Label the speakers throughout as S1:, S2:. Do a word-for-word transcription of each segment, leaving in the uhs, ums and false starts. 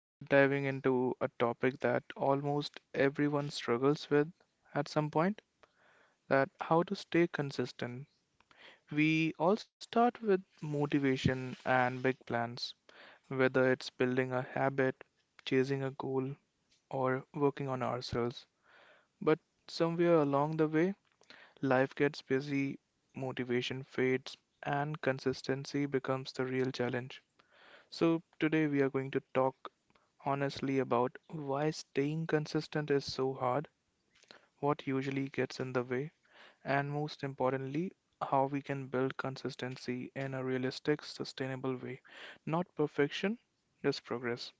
S1: we are diving into a topic that almost everyone struggles with at some point that how to stay consistent. We all start with motivation and big plans, whether it's building a habit, chasing a goal, or working on ourselves. But somewhere along the way, life gets busy, motivation fades, and consistency becomes the real challenge. So today we are going to talk honestly about why staying consistent is so hard, what usually gets in the way, and most importantly, how we can build consistency in a realistic, sustainable way. Not perfection, just progress.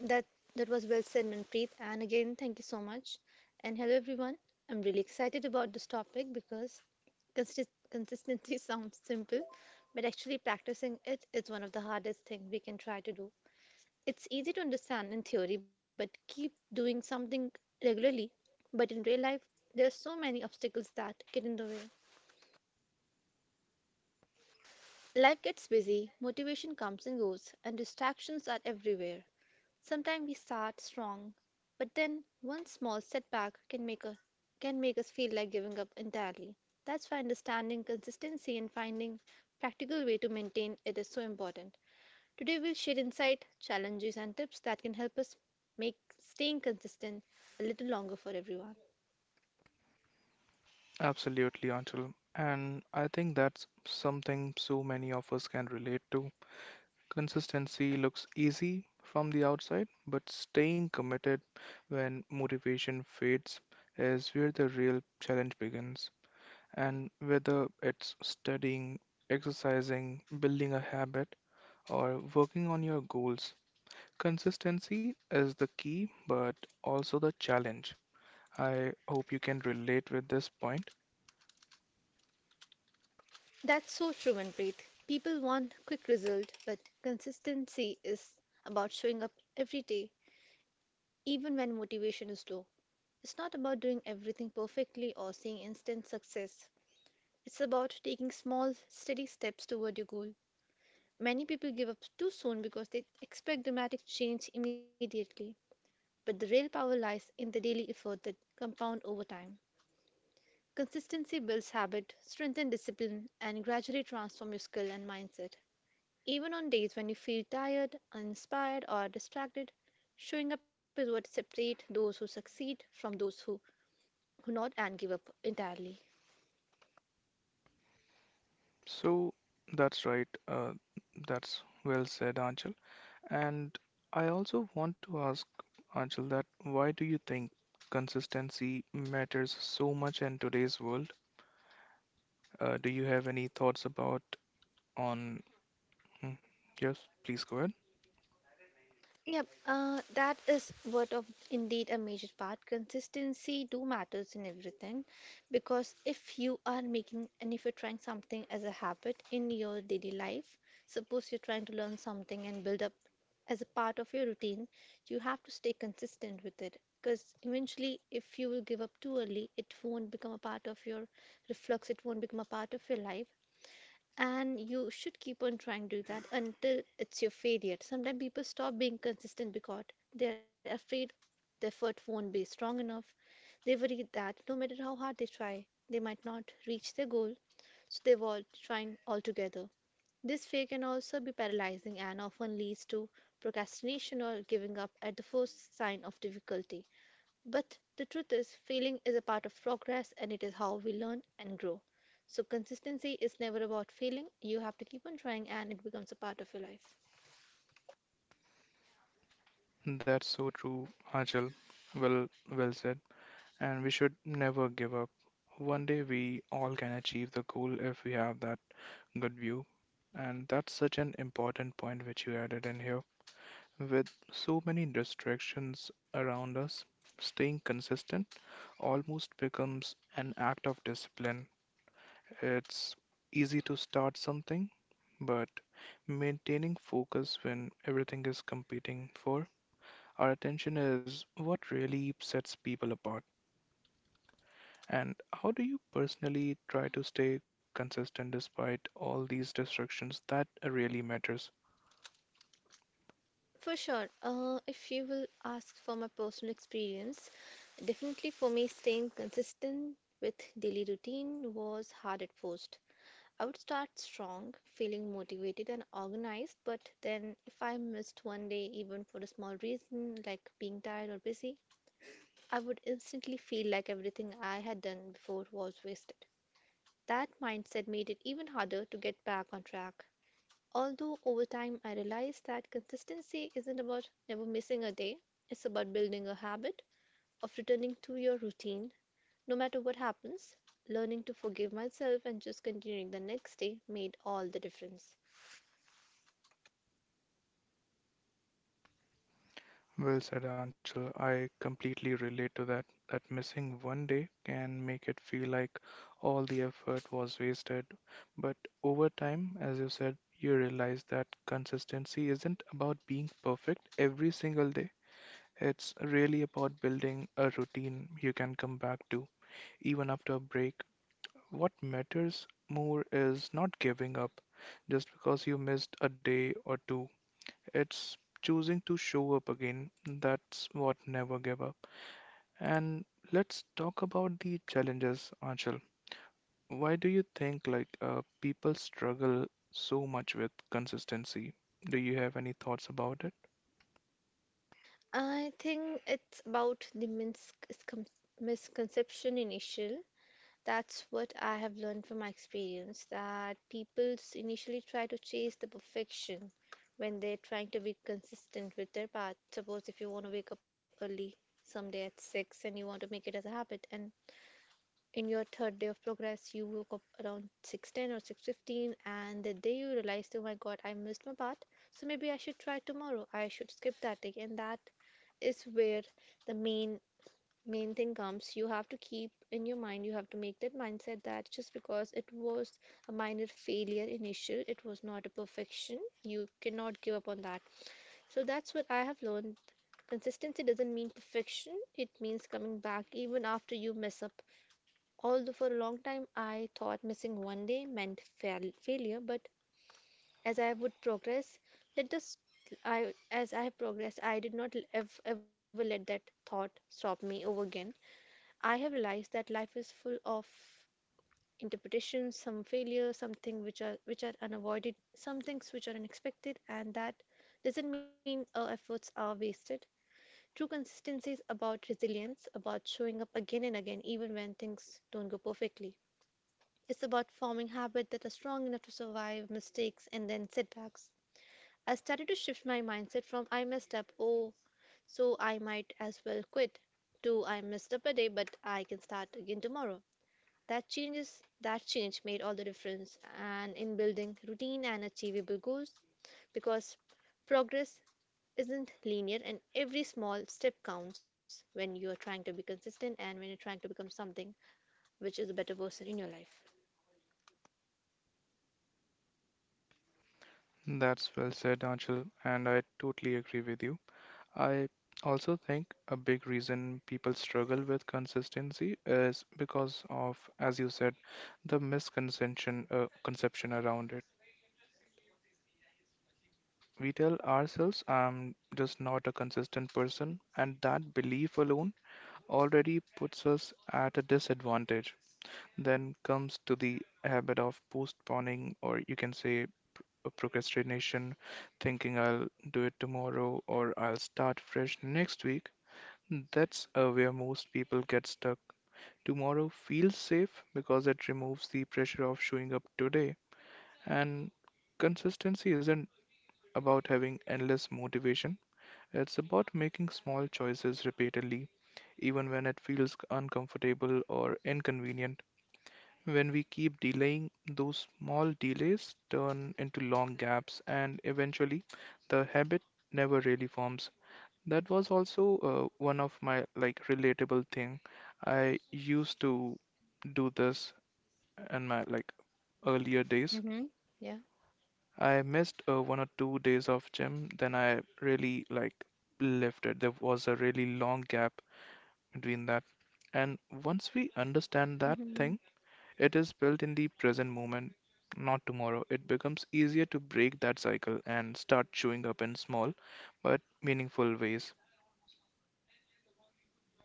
S2: That that was well said, Manpreet. And again, thank you so much. And hello, everyone. I'm really excited about this topic because consist consistency sounds simple, but actually practicing it is one of the hardest things we can try to do. It's easy to understand in theory, but keep doing something regularly. But in real life, there are so many obstacles that get in the way. Life gets busy, motivation comes and goes, and distractions are everywhere. Sometimes we start strong, but then one small setback can make a can make us feel like giving up entirely. That's why understanding consistency and finding practical way to maintain it is so important. Today we'll share insight, challenges and tips that can help us make staying consistent a little longer for everyone.
S1: Absolutely, Anshul. And I think that's something so many of us can relate to. Consistency looks easy from the outside, but staying committed when motivation fades is where the real challenge begins. And whether it's studying, exercising, building a habit, or working on your goals, consistency is the key, but also the challenge. I hope you can relate with this point.
S2: That's so true, Manpreet. People want quick result, but consistency is about showing up every day, even when motivation is low. It's not about doing everything perfectly or seeing instant success. It's about taking small, steady steps toward your goal. Many people give up too soon because they expect dramatic change immediately, but the real power lies in the daily effort that compound over time. Consistency builds habit, strengthens discipline, and gradually transform your skill and mindset. Even on days when you feel tired, uninspired, or distracted, showing up is what separates those who succeed from those who, who not and give up entirely.
S1: So that's right. Uh, that's well said, Anchal. And I also want to ask, Anshul, that why do you think consistency matters so much in today's world? Uh, do you have any thoughts about on? Hmm, Yes, please go ahead.
S2: Yep, uh, that is what of indeed a major part. Consistency do matters in everything, because if you are making and if you're trying something as a habit in your daily life, suppose you're trying to learn something and build up as a part of your routine, you have to stay consistent with it. Because eventually, if you will give up too early, it won't become a part of your reflex. It won't become a part of your life, and you should keep on trying to do that until it's your failure. Sometimes people stop being consistent because they're afraid the effort won't be strong enough. They worry that no matter how hard they try, they might not reach their goal, so they avoid trying altogether. This fear can also be paralyzing and often leads to procrastination or giving up at the first sign of difficulty. But the truth is, failing is a part of progress and it is how we learn and grow. So, consistency is never about failing. You have to keep on trying and it becomes a part of your life.
S1: That's so true, Anshul. Well, well said. And we should never give up. One day we all can achieve the goal if we have that good view. And that's such an important point which you added in here. With so many distractions around us, staying consistent almost becomes an act of discipline. It's easy to start something, but maintaining focus when everything is competing for our attention is what really sets people apart. And how do you personally try to stay consistent despite all these distractions? That really matters.
S2: For sure, uh, if you will ask for my personal experience, definitely for me, staying consistent with daily routine was hard at first. I would start strong, feeling motivated and organized, but then if I missed one day, even for a small reason like being tired or busy, I would instantly feel like everything I had done before was wasted. That mindset made it even harder to get back on track. Although over time I realized that consistency isn't about never missing a day, it's about building a habit of returning to your routine no matter what happens. Learning to forgive myself and just continuing the next day made all the difference.
S1: Well said, Anshul. I completely relate to that. That missing one day can make it feel like all the effort was wasted. But over time, as you said, you realize that consistency isn't about being perfect every single day. It's really about building a routine you can come back to, even after a break. What matters more is not giving up just because you missed a day or two. It's choosing to show up again. That's what never gave up. And let's talk about the challenges, Anshul. Why do you think like uh, people struggle so much with consistency? Do you have any thoughts about it?
S2: I think it's about the mins- miscon- misconception initial. That's what I have learned from my experience that people s- initially try to chase the perfection when they're trying to be consistent with their path. Suppose if you want to wake up early someday at six and you want to make it as a habit, and in your third day of progress you woke up around six ten or six fifteen and the day you realized, oh my god, I missed my path, so maybe I should try tomorrow, I should skip that day. And that is where the main main thing comes. You have to keep in your mind, you have to make that mindset that just because it was a minor failure initial, it was not a perfection, you cannot give up on that. So that's what I have learned. Consistency doesn't mean perfection, it means coming back even after you mess up. Although for a long time I thought missing one day meant fail- failure, but as I would progress, let this I as I have progressed I did not ev- ever let that thought stop me over again. I have realized that life is full of interpretations, some failures, something which are which are unavoided, some things which are unexpected, and that doesn't mean our efforts are wasted. True consistency is about resilience, about showing up again and again even when things don't go perfectly. It's about forming habits that are strong enough to survive mistakes and then setbacks. I started to shift my mindset from, I messed up, oh, so I might as well quit, to, I messed up a day, but I can start again tomorrow. That changes. That change made all the difference and in building routine and achievable goals, because progress isn't linear and every small step counts when you are trying to be consistent and when you're trying to become something which is a better person in your life.
S1: That's well said, Anshul, and I totally agree with you. I also think a big reason people struggle with consistency is because of, as you said, the misconception uh, conception around it. We tell ourselves, I'm just not a consistent person, and that belief alone already puts us at a disadvantage. Then comes to the habit of postponing, or you can say uh, procrastination, thinking I'll do it tomorrow or I'll start fresh next week. That's uh, where most people get stuck. Tomorrow feels safe because it removes the pressure of showing up today, and consistency isn't about having endless motivation. It's about making small choices repeatedly, even when it feels uncomfortable or inconvenient. When we keep delaying, those small delays turn into long gaps, and eventually, the habit never really forms. That was also uh, one of my like relatable thing. I used to do this in my like earlier days.
S2: Yeah.
S1: I missed uh, one or two days of gym, then I really like left it. There was a really long gap between that. And once we understand that thing,
S2: Hmm.
S1: it is built in the present moment, not tomorrow. It becomes easier to break that cycle and start showing up in small but meaningful ways.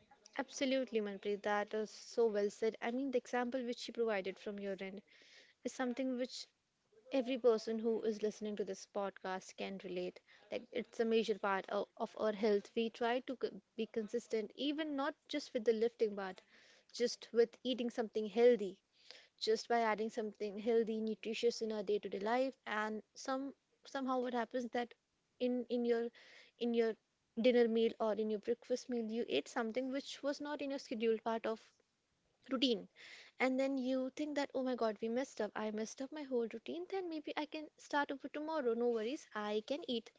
S2: Absolutely, Manpreet. That is so well said. I mean, the example which you provided from your end is something which every person who is listening to this podcast can relate. Like, it's a major part of, of our health. We try to c- be consistent, even not just with the lifting part, just with eating something healthy, just by adding something healthy, nutritious in our day-to-day life. And some somehow what happens that in in your in your dinner meal or in your breakfast meal, you ate something which was not in your scheduled part of routine, and then you think that, oh my god, we messed up, I messed up my whole routine, then maybe I can start over tomorrow, no worries, I can eat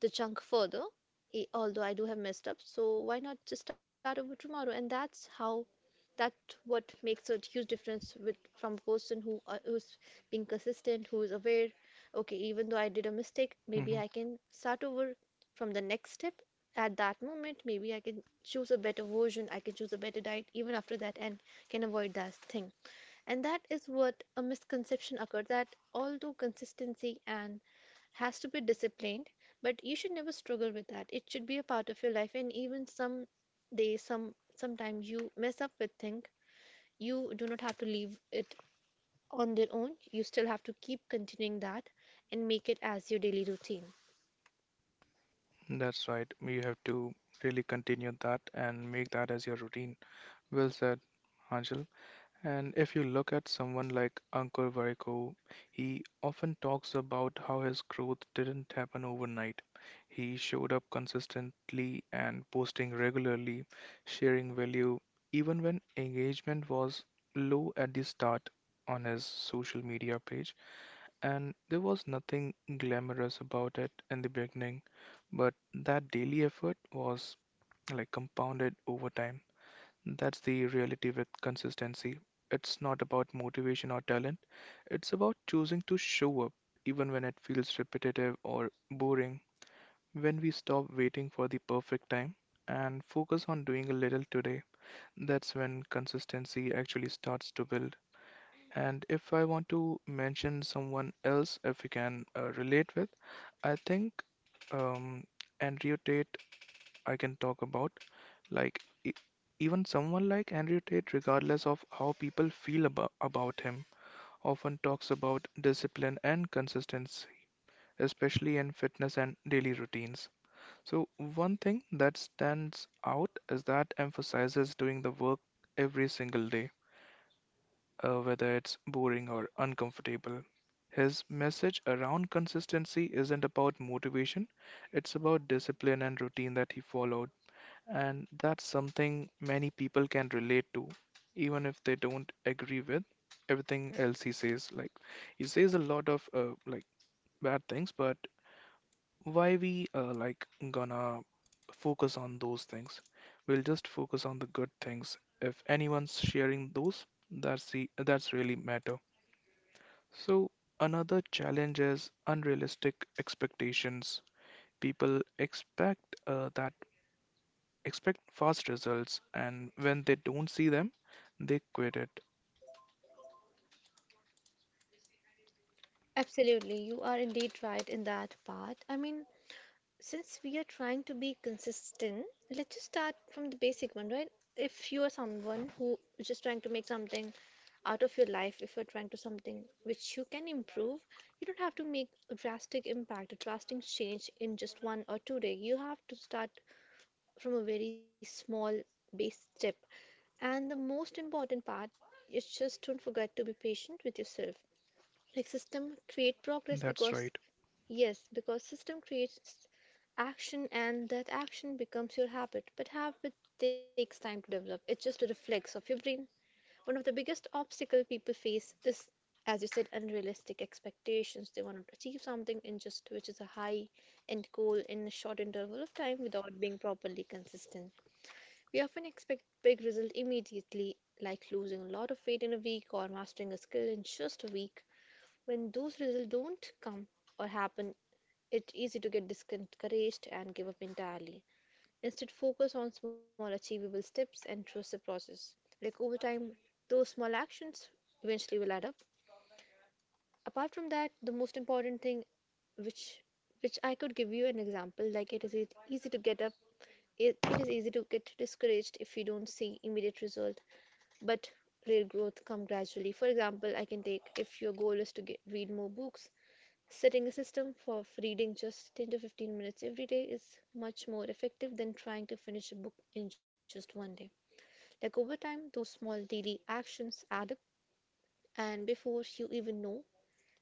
S2: the junk further. E- although I do have messed up, so why not just start over tomorrow? And that's how that what makes a huge difference with from a person who uh, who's being consistent, who's aware, okay, even though I did a mistake, maybe
S1: hmm
S2: I can start over from the next step. At that moment, maybe I can choose a better version, I can choose a better diet even after that, and can avoid that thing. And that is what a misconception occurred, that although consistency and has to be disciplined, but you should never struggle with that. It should be a part of your life, and even some day, some sometimes you mess up with things, you do not have to leave it on their own. You still have to keep continuing that and make it as your daily routine.
S1: That's right. You have to really continue that and make that as your routine. Well said, Angel. And if you look at someone like Ankur Vaiko, he often talks about how his growth didn't happen overnight. He showed up consistently and posting regularly, sharing value, even when engagement was low at the start on his social media page. And there was nothing glamorous about it in the beginning, but that daily effort was like compounded over time. That's the reality with consistency. It's not about motivation or talent, it's about choosing to show up even when it feels repetitive or boring. When we stop waiting for the perfect time and focus on doing a little today, that's when consistency actually starts to build. And if I want to mention someone else, if we can uh, relate with, I think um, Andrew Tate I can talk about. Like, e- Even someone like Andrew Tate, regardless of how people feel about, about him, often talks about discipline and consistency, especially in fitness and daily routines. So, one thing that stands out is that emphasizes doing the work every single day, uh, whether it's boring or uncomfortable. His message around consistency isn't about motivation, it's about discipline and routine that he followed. And that's something many people can relate to, even if they don't agree with everything else he says. Like, he says a lot of uh, like bad things, but why we uh, like gonna focus on those things? We'll just focus on the good things. If anyone's sharing those, that's the that's really matter. So another challenge is unrealistic expectations. People expect uh, that expect fast results, and when they don't see them, they quit it.
S2: Absolutely, you are indeed right in that part. I mean, since we are trying to be consistent, let's just start from the basic one, right? If you are someone who is just trying to make something out of your life, if you're trying to something which you can improve, you don't have to make a drastic impact, a drastic change in just one or two days. You have to start from a very small base step. And the most important part is, just don't forget to be patient with yourself. Like, system create progress
S1: That's
S2: because—
S1: right.
S2: Yes, because system creates action and that action becomes your habit. But habit takes time to develop. It's just a reflex of your brain. One of the biggest obstacle people face is, as you said, unrealistic expectations. They want to achieve something in just which is a high end goal in a short interval of time without being properly consistent. We often expect big result immediately, like losing a lot of weight in a week or mastering a skill in just a week. When those results don't come or happen, it's easy to get discouraged and give up entirely. Instead, focus on small achievable steps and trust the process. Like, over time, those small actions eventually will add up. Apart from that, the most important thing which which I could give you an example, like, it is e- easy to get up, it, it is easy to get discouraged if you don't see immediate result, but real growth come gradually. For example, I can take if your goal is to get, read more books, setting a system for reading just ten to fifteen minutes every day is much more effective than trying to finish a book in just one day. Like, over time, those small daily actions add up, and before you even know,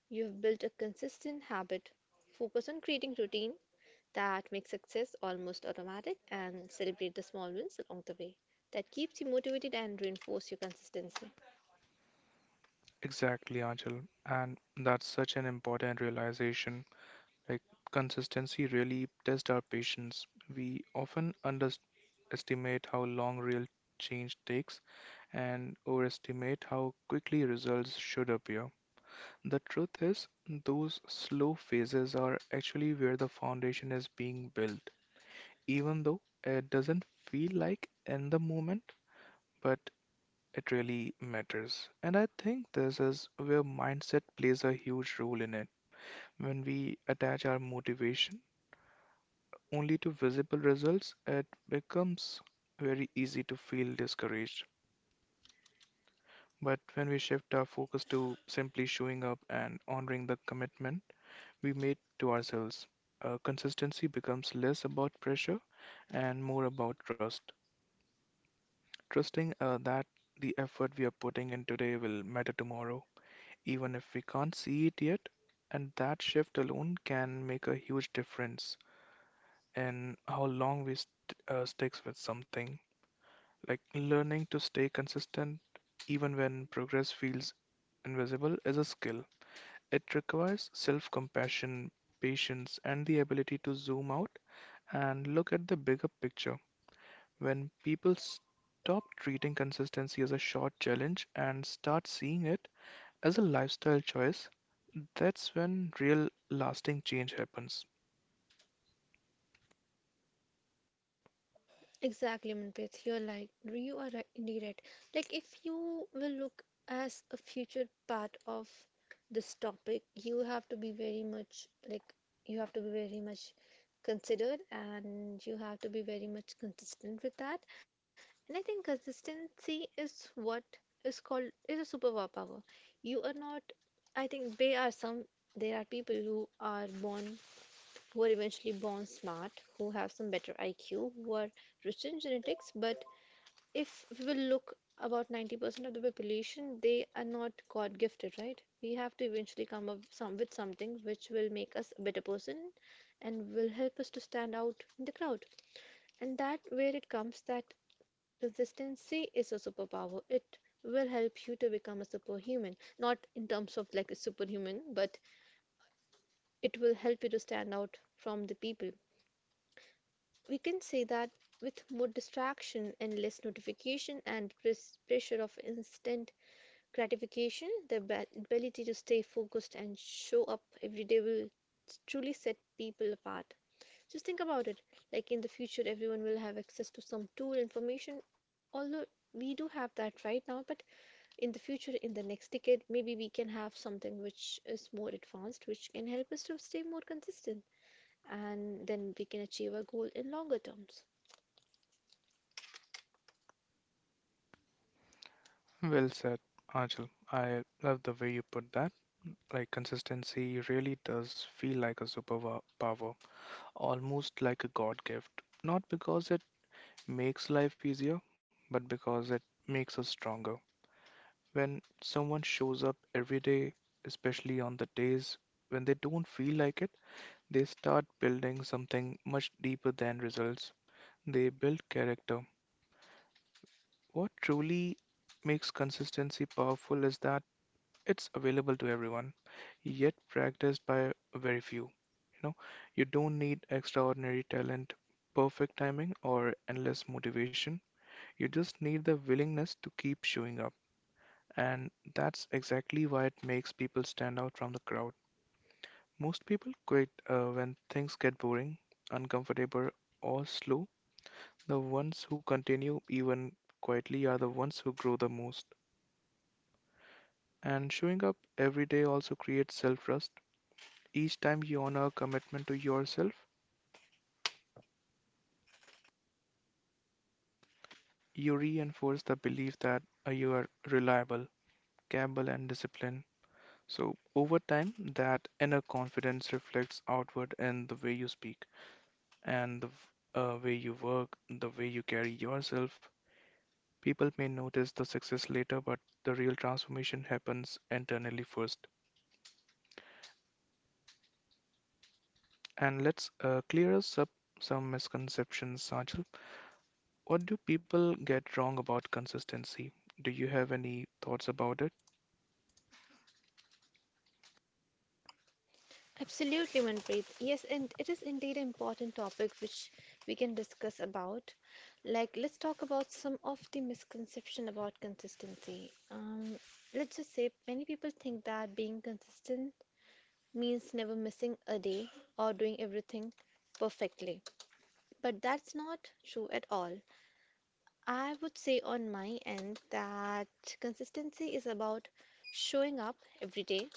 S2: you have built a consistent habit. Focus on creating routine that makes success almost automatic and celebrate the small wins along the way. That keeps you motivated and reinforce your consistency.
S1: Exactly, Anchal. And that's such an important realization. Like, consistency really tests our patience. We often underestimate how long real change takes and overestimate how quickly results should appear. The truth is, those slow phases are actually where the foundation is being built, even though it doesn't feel like in the moment, but it really matters. And I think this is where mindset plays a huge role in it. When we attach our motivation only to visible results, it becomes very easy to feel discouraged. But when we shift our focus to simply showing up and honoring the commitment we made to ourselves, uh, consistency becomes less about pressure and more about trust. trusting uh, that the effort we are putting in today will matter tomorrow, even if we can't see it yet. And that shift alone can make a huge difference in how long we st- uh, sticks with something. Like learning to stay consistent even when progress feels invisible is a skill. It requires self-compassion, patience, and the ability to zoom out and look at the bigger picture. When people stop treating consistency as a short challenge and start seeing it as a lifestyle choice, that's when real lasting change happens.
S2: Exactly, Manpreet. You're like you are right, indeed right. Like if you will look as a future part of this topic, you have to be very much like you have to be very much considered and you have to be very much consistent with that. And I think consistency is what is called is a superpower. You are not I think they are some there are people who are born who are eventually born smart, who have some better I Q, who are rich in genetics. But if we will look about ninety percent of the population, they are not God gifted, right? We have to eventually come up some, with something which will make us a better person and will help us to stand out in the crowd. And that where it comes that consistency is a superpower. It will help you to become a superhuman, not in terms of like a superhuman, but it will help you to stand out from the people. We can say that with more distraction, and less notification, and pres- pressure of instant gratification, the ab- ability to stay focused and show up every day will truly set people apart. Just think about it. Like in the future, everyone will have access to some tool information, although we do have that right now, but in the future, in the next decade, maybe we can have something which is more advanced, which can help us to stay more consistent, and then we can achieve our goal in longer terms.
S1: Well said, Ajal. I love the way you put that. Like consistency really does feel like a superpower, almost like a God gift. Not because it makes life easier, but because it makes us stronger. When someone shows up every day, especially on the days when they don't feel like it, they start building something much deeper than results. They build character. What truly makes consistency powerful is that it's available to everyone, yet practiced by very few. You know, you don't need extraordinary talent, perfect timing, or endless motivation. You just need the willingness to keep showing up. And that's exactly why it makes people stand out from the crowd. Most people quit uh, when things get boring, uncomfortable, or slow. The ones who continue even quietly are the ones who grow the most. And showing up every day also creates self trust. Each time you honor a commitment to yourself, you reinforce the belief that uh, you are reliable, capable, and disciplined. So, over time, that inner confidence reflects outward in the way you speak and the v- uh, way you work, the way you carry yourself. People may notice the success later, but the real transformation happens internally first. And let's uh, clear us up some misconceptions, Sajal. What do people get wrong about consistency? Do you have any thoughts about it?
S2: Absolutely, Manpreet. Yes, and it is indeed an important topic which we can discuss about. Like, let's talk about some of the misconception about consistency. Um, let's just say many people think that being consistent means never missing a day or doing everything perfectly, but that's not true at all. I would say on my end that consistency is about showing up every day,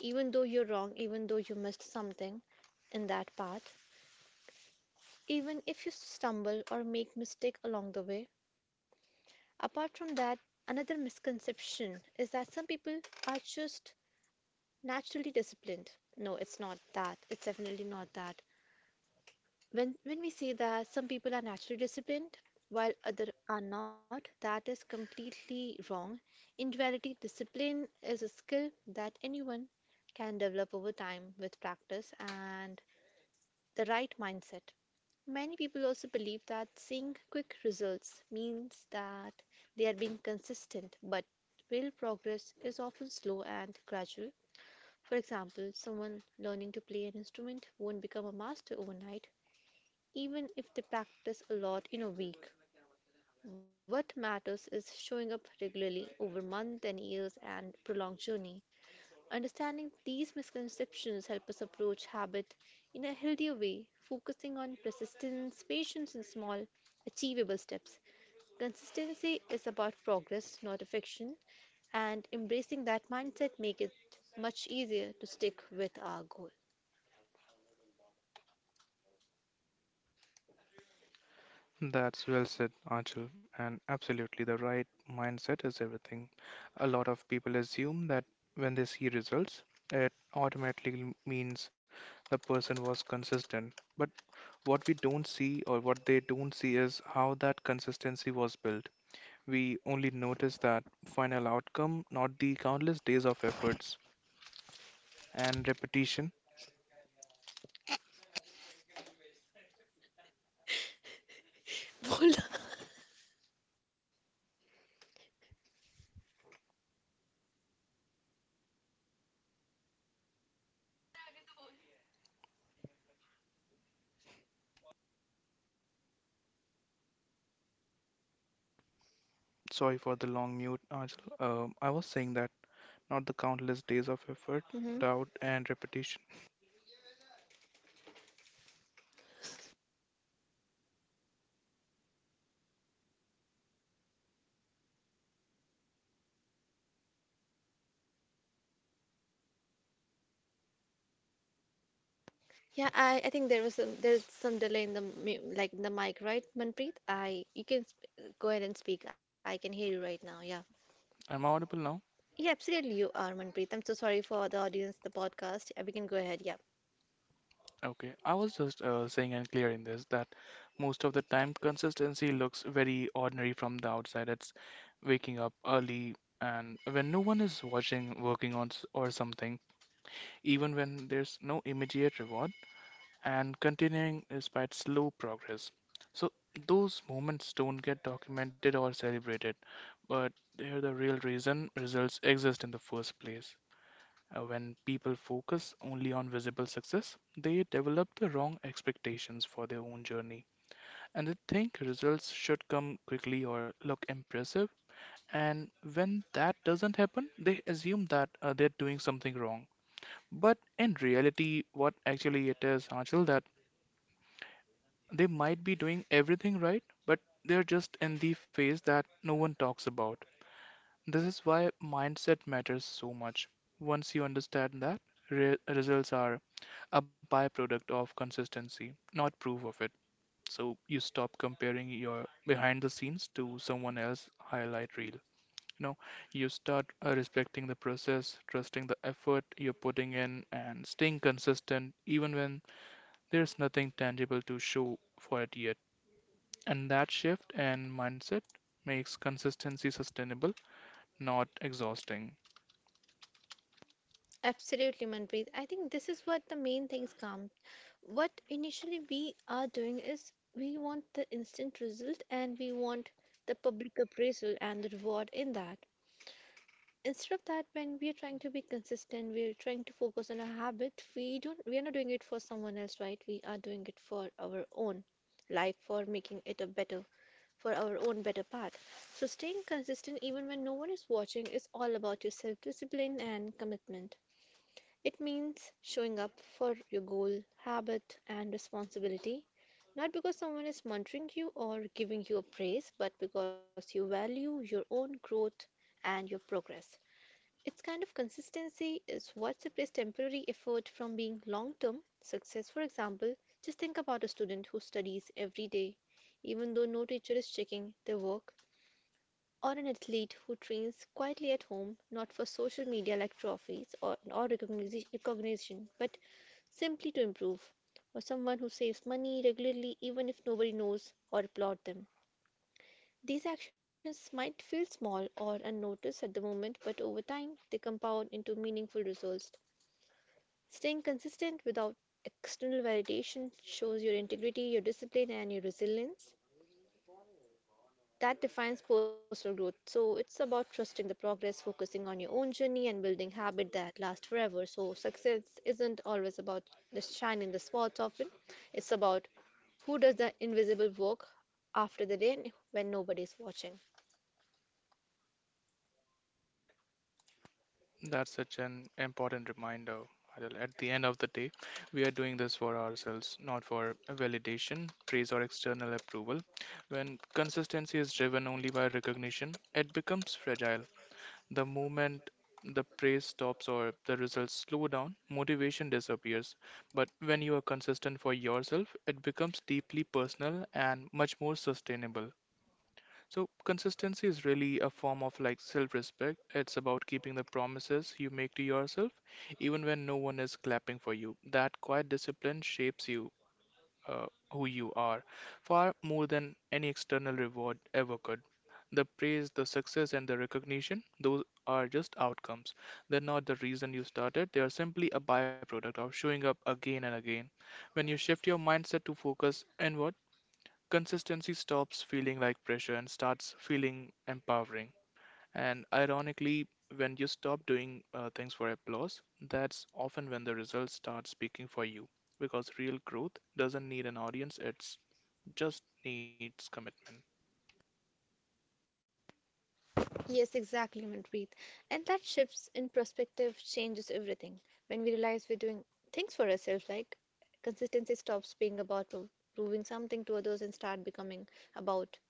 S2: even though you're wrong, even though you missed something in that part, even if you stumble or make mistake along the way. Apart from that, another misconception is that some people are just naturally disciplined. No, it's not that. It's definitely not that. When, when we say that some people are naturally disciplined while others are not, that is completely wrong. In reality, discipline is a skill that anyone can develop over time with practice and the right mindset. Many people also believe that seeing quick results means that they are being consistent, but real progress is often slow and gradual. For example, someone learning to play an instrument won't become a master overnight even if they practice a lot in a week, what matters is showing up regularly over months and years and prolonged journey. Understanding these misconceptions help us approach habit in a healthier way, focusing on persistence, patience, and small, achievable steps. Consistency is about progress, not affection, and embracing that mindset make it much easier to stick with our goal.
S1: That's well said, Anchal, and absolutely the right mindset is everything. A lot of people assume that when they see results, it automatically means the person was consistent. But what we don't see or what they don't see is how that consistency was built. We only notice that final outcome, not the countless days of efforts and repetition. Sorry for the long mute, Ajal. Um, I was saying that, not the countless days of effort,
S2: Well,
S1: doubt, and repetition.
S2: yeah, I, I think there was some, there's some delay in the mu- like in the mic, right, Manpreet? I you can sp go ahead and speak. I can hear you right now. Yeah.
S1: I'm audible now?
S2: Yeah, absolutely you are, Manpreet. I'm so sorry for the audience, the podcast. Uh, We can go ahead. Yeah.
S1: Okay. I was just uh, saying and clear in this that most of the time consistency looks very ordinary from the outside. It's waking up early and when no one is watching, working on s- or something, even when there's no immediate reward, and continuing despite slow progress. So those moments don't get documented or celebrated, but they're the real reason results exist in the first place. Uh, When people focus only on visible success, they develop the wrong expectations for their own journey. And they think results should come quickly or look impressive. And when that doesn't happen, they assume that uh, they're doing something wrong. But in reality, what actually it is, Anshul, that they might be doing everything right, but they're just in the phase that no one talks about. This is why mindset matters so much. Once you understand that, re- results are a byproduct of consistency, not proof of it. So you stop comparing your behind the scenes to someone else's highlight reel. You know, you start uh, respecting the process, trusting the effort you're putting in, and staying consistent even when there's nothing tangible to show for it yet. And that shift in mindset makes consistency sustainable, not exhausting.
S2: Absolutely, Manpreet. I think this is what the main things come. What initially we are doing is we want the instant result and we want the public appraisal and the reward in that. Instead of that, when we are trying to be consistent, we are trying to focus on a habit, we don't we are not doing it for someone else, right? We are doing it for our own life, for making it a better, for our own better path. So staying consistent even when no one is watching is all about your self discipline and commitment. It means showing up for your goal, habit, and responsibility, not because someone is monitoring you or giving you a praise, but because you value your own growth and your progress. Its kind of consistency is what separates temporary effort from being long term success. For example, just think about a student who studies every day, even though no teacher is checking their work, or an athlete who trains quietly at home, not for social media like trophies or, or recognition, recognition, but simply to improve, or someone who saves money regularly even if nobody knows or applaud them. These actions might feel small or unnoticed at the moment, but over time they compound into meaningful results. Staying consistent without external validation shows your integrity, your discipline, and your resilience. That defines personal growth. So it's about trusting the progress, focusing on your own journey, and building habits that last forever. So success isn't always about the shine in the spots often. It's about who does the invisible work after the rain when nobody's watching.
S1: That's such an important reminder, Adil. At the end of the day, we are doing this for ourselves, not for validation, praise, or external approval. When consistency is driven only by recognition, it becomes fragile. The moment the praise stops or the results slow down, motivation disappears. But when you are consistent for yourself, it becomes deeply personal and much more sustainable. So, consistency is really a form of like self respect. It's about keeping the promises you make to yourself, even when no one is clapping for you. That quiet discipline shapes you, uh, who you are, far more than any external reward ever could. The praise, the success, and the recognition, those are just outcomes. They're not the reason you started, they are simply a byproduct of showing up again and again. When you shift your mindset to focus inward, consistency stops feeling like pressure and starts feeling empowering. And ironically, when you stop doing uh, things for applause, that's often when the results start speaking for you. Because real growth doesn't need an audience, it just needs commitment.
S2: Yes, exactly, Manpreet. And that shifts in perspective changes everything. When we realize we're doing things for ourselves, like consistency stops being about pro- proving something to others and start becoming about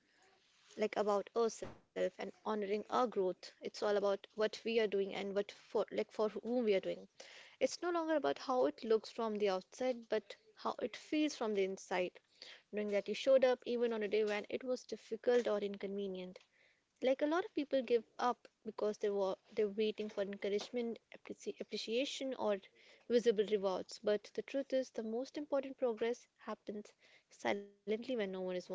S2: like about ourselves and honoring our growth. It's all about what we are doing and what for like for whom we are doing. It's no longer about how it looks from the outside, but how it feels from the inside. Knowing that you showed up even on a day when it was difficult or inconvenient. Like a lot of people give up because they were they're waiting for encouragement, appreci- appreciation, or visible rewards. But the truth is, the most important progress happens silently when no one is watching.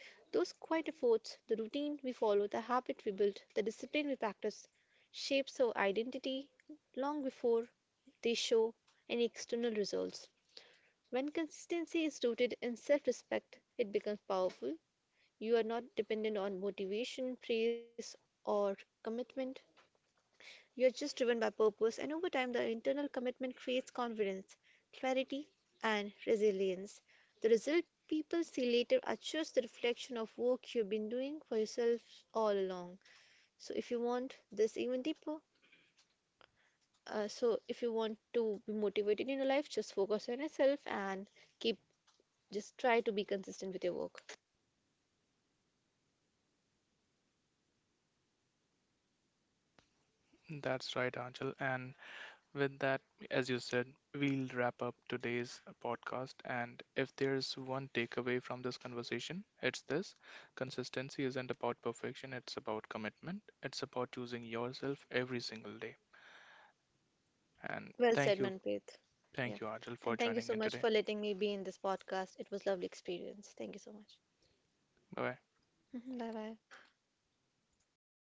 S2: Those quiet efforts, the routine we follow, the habit we build, the discipline we practice, shapes our identity long before they show any external results. When consistency is rooted in self respect, it becomes powerful. You are not dependent on motivation, praise, or commitment. You are just driven by purpose, and over time, the internal commitment creates confidence, clarity, and resilience. The result people see later are just the reflection of work you've been doing for yourself all along. So, if you want this even deeper, uh, so if you want to be motivated in your life, just focus on yourself and keep just try to be consistent with your work.
S1: That's right, Angel. And with that, as you said, we'll wrap up today's podcast. And if there's one takeaway from this conversation, it's this: consistency isn't about perfection, it's about commitment, it's about choosing yourself every single day. And
S2: Well said,
S1: thank you,
S2: Manpreet. Yeah.
S1: thank you, Anjal,
S2: And
S1: for
S2: thank you
S1: joining
S2: so
S1: in
S2: much
S1: today.
S2: for letting me be in this podcast. It was lovely experience. Thank you so much.
S1: Bye bye.
S2: Bye bye.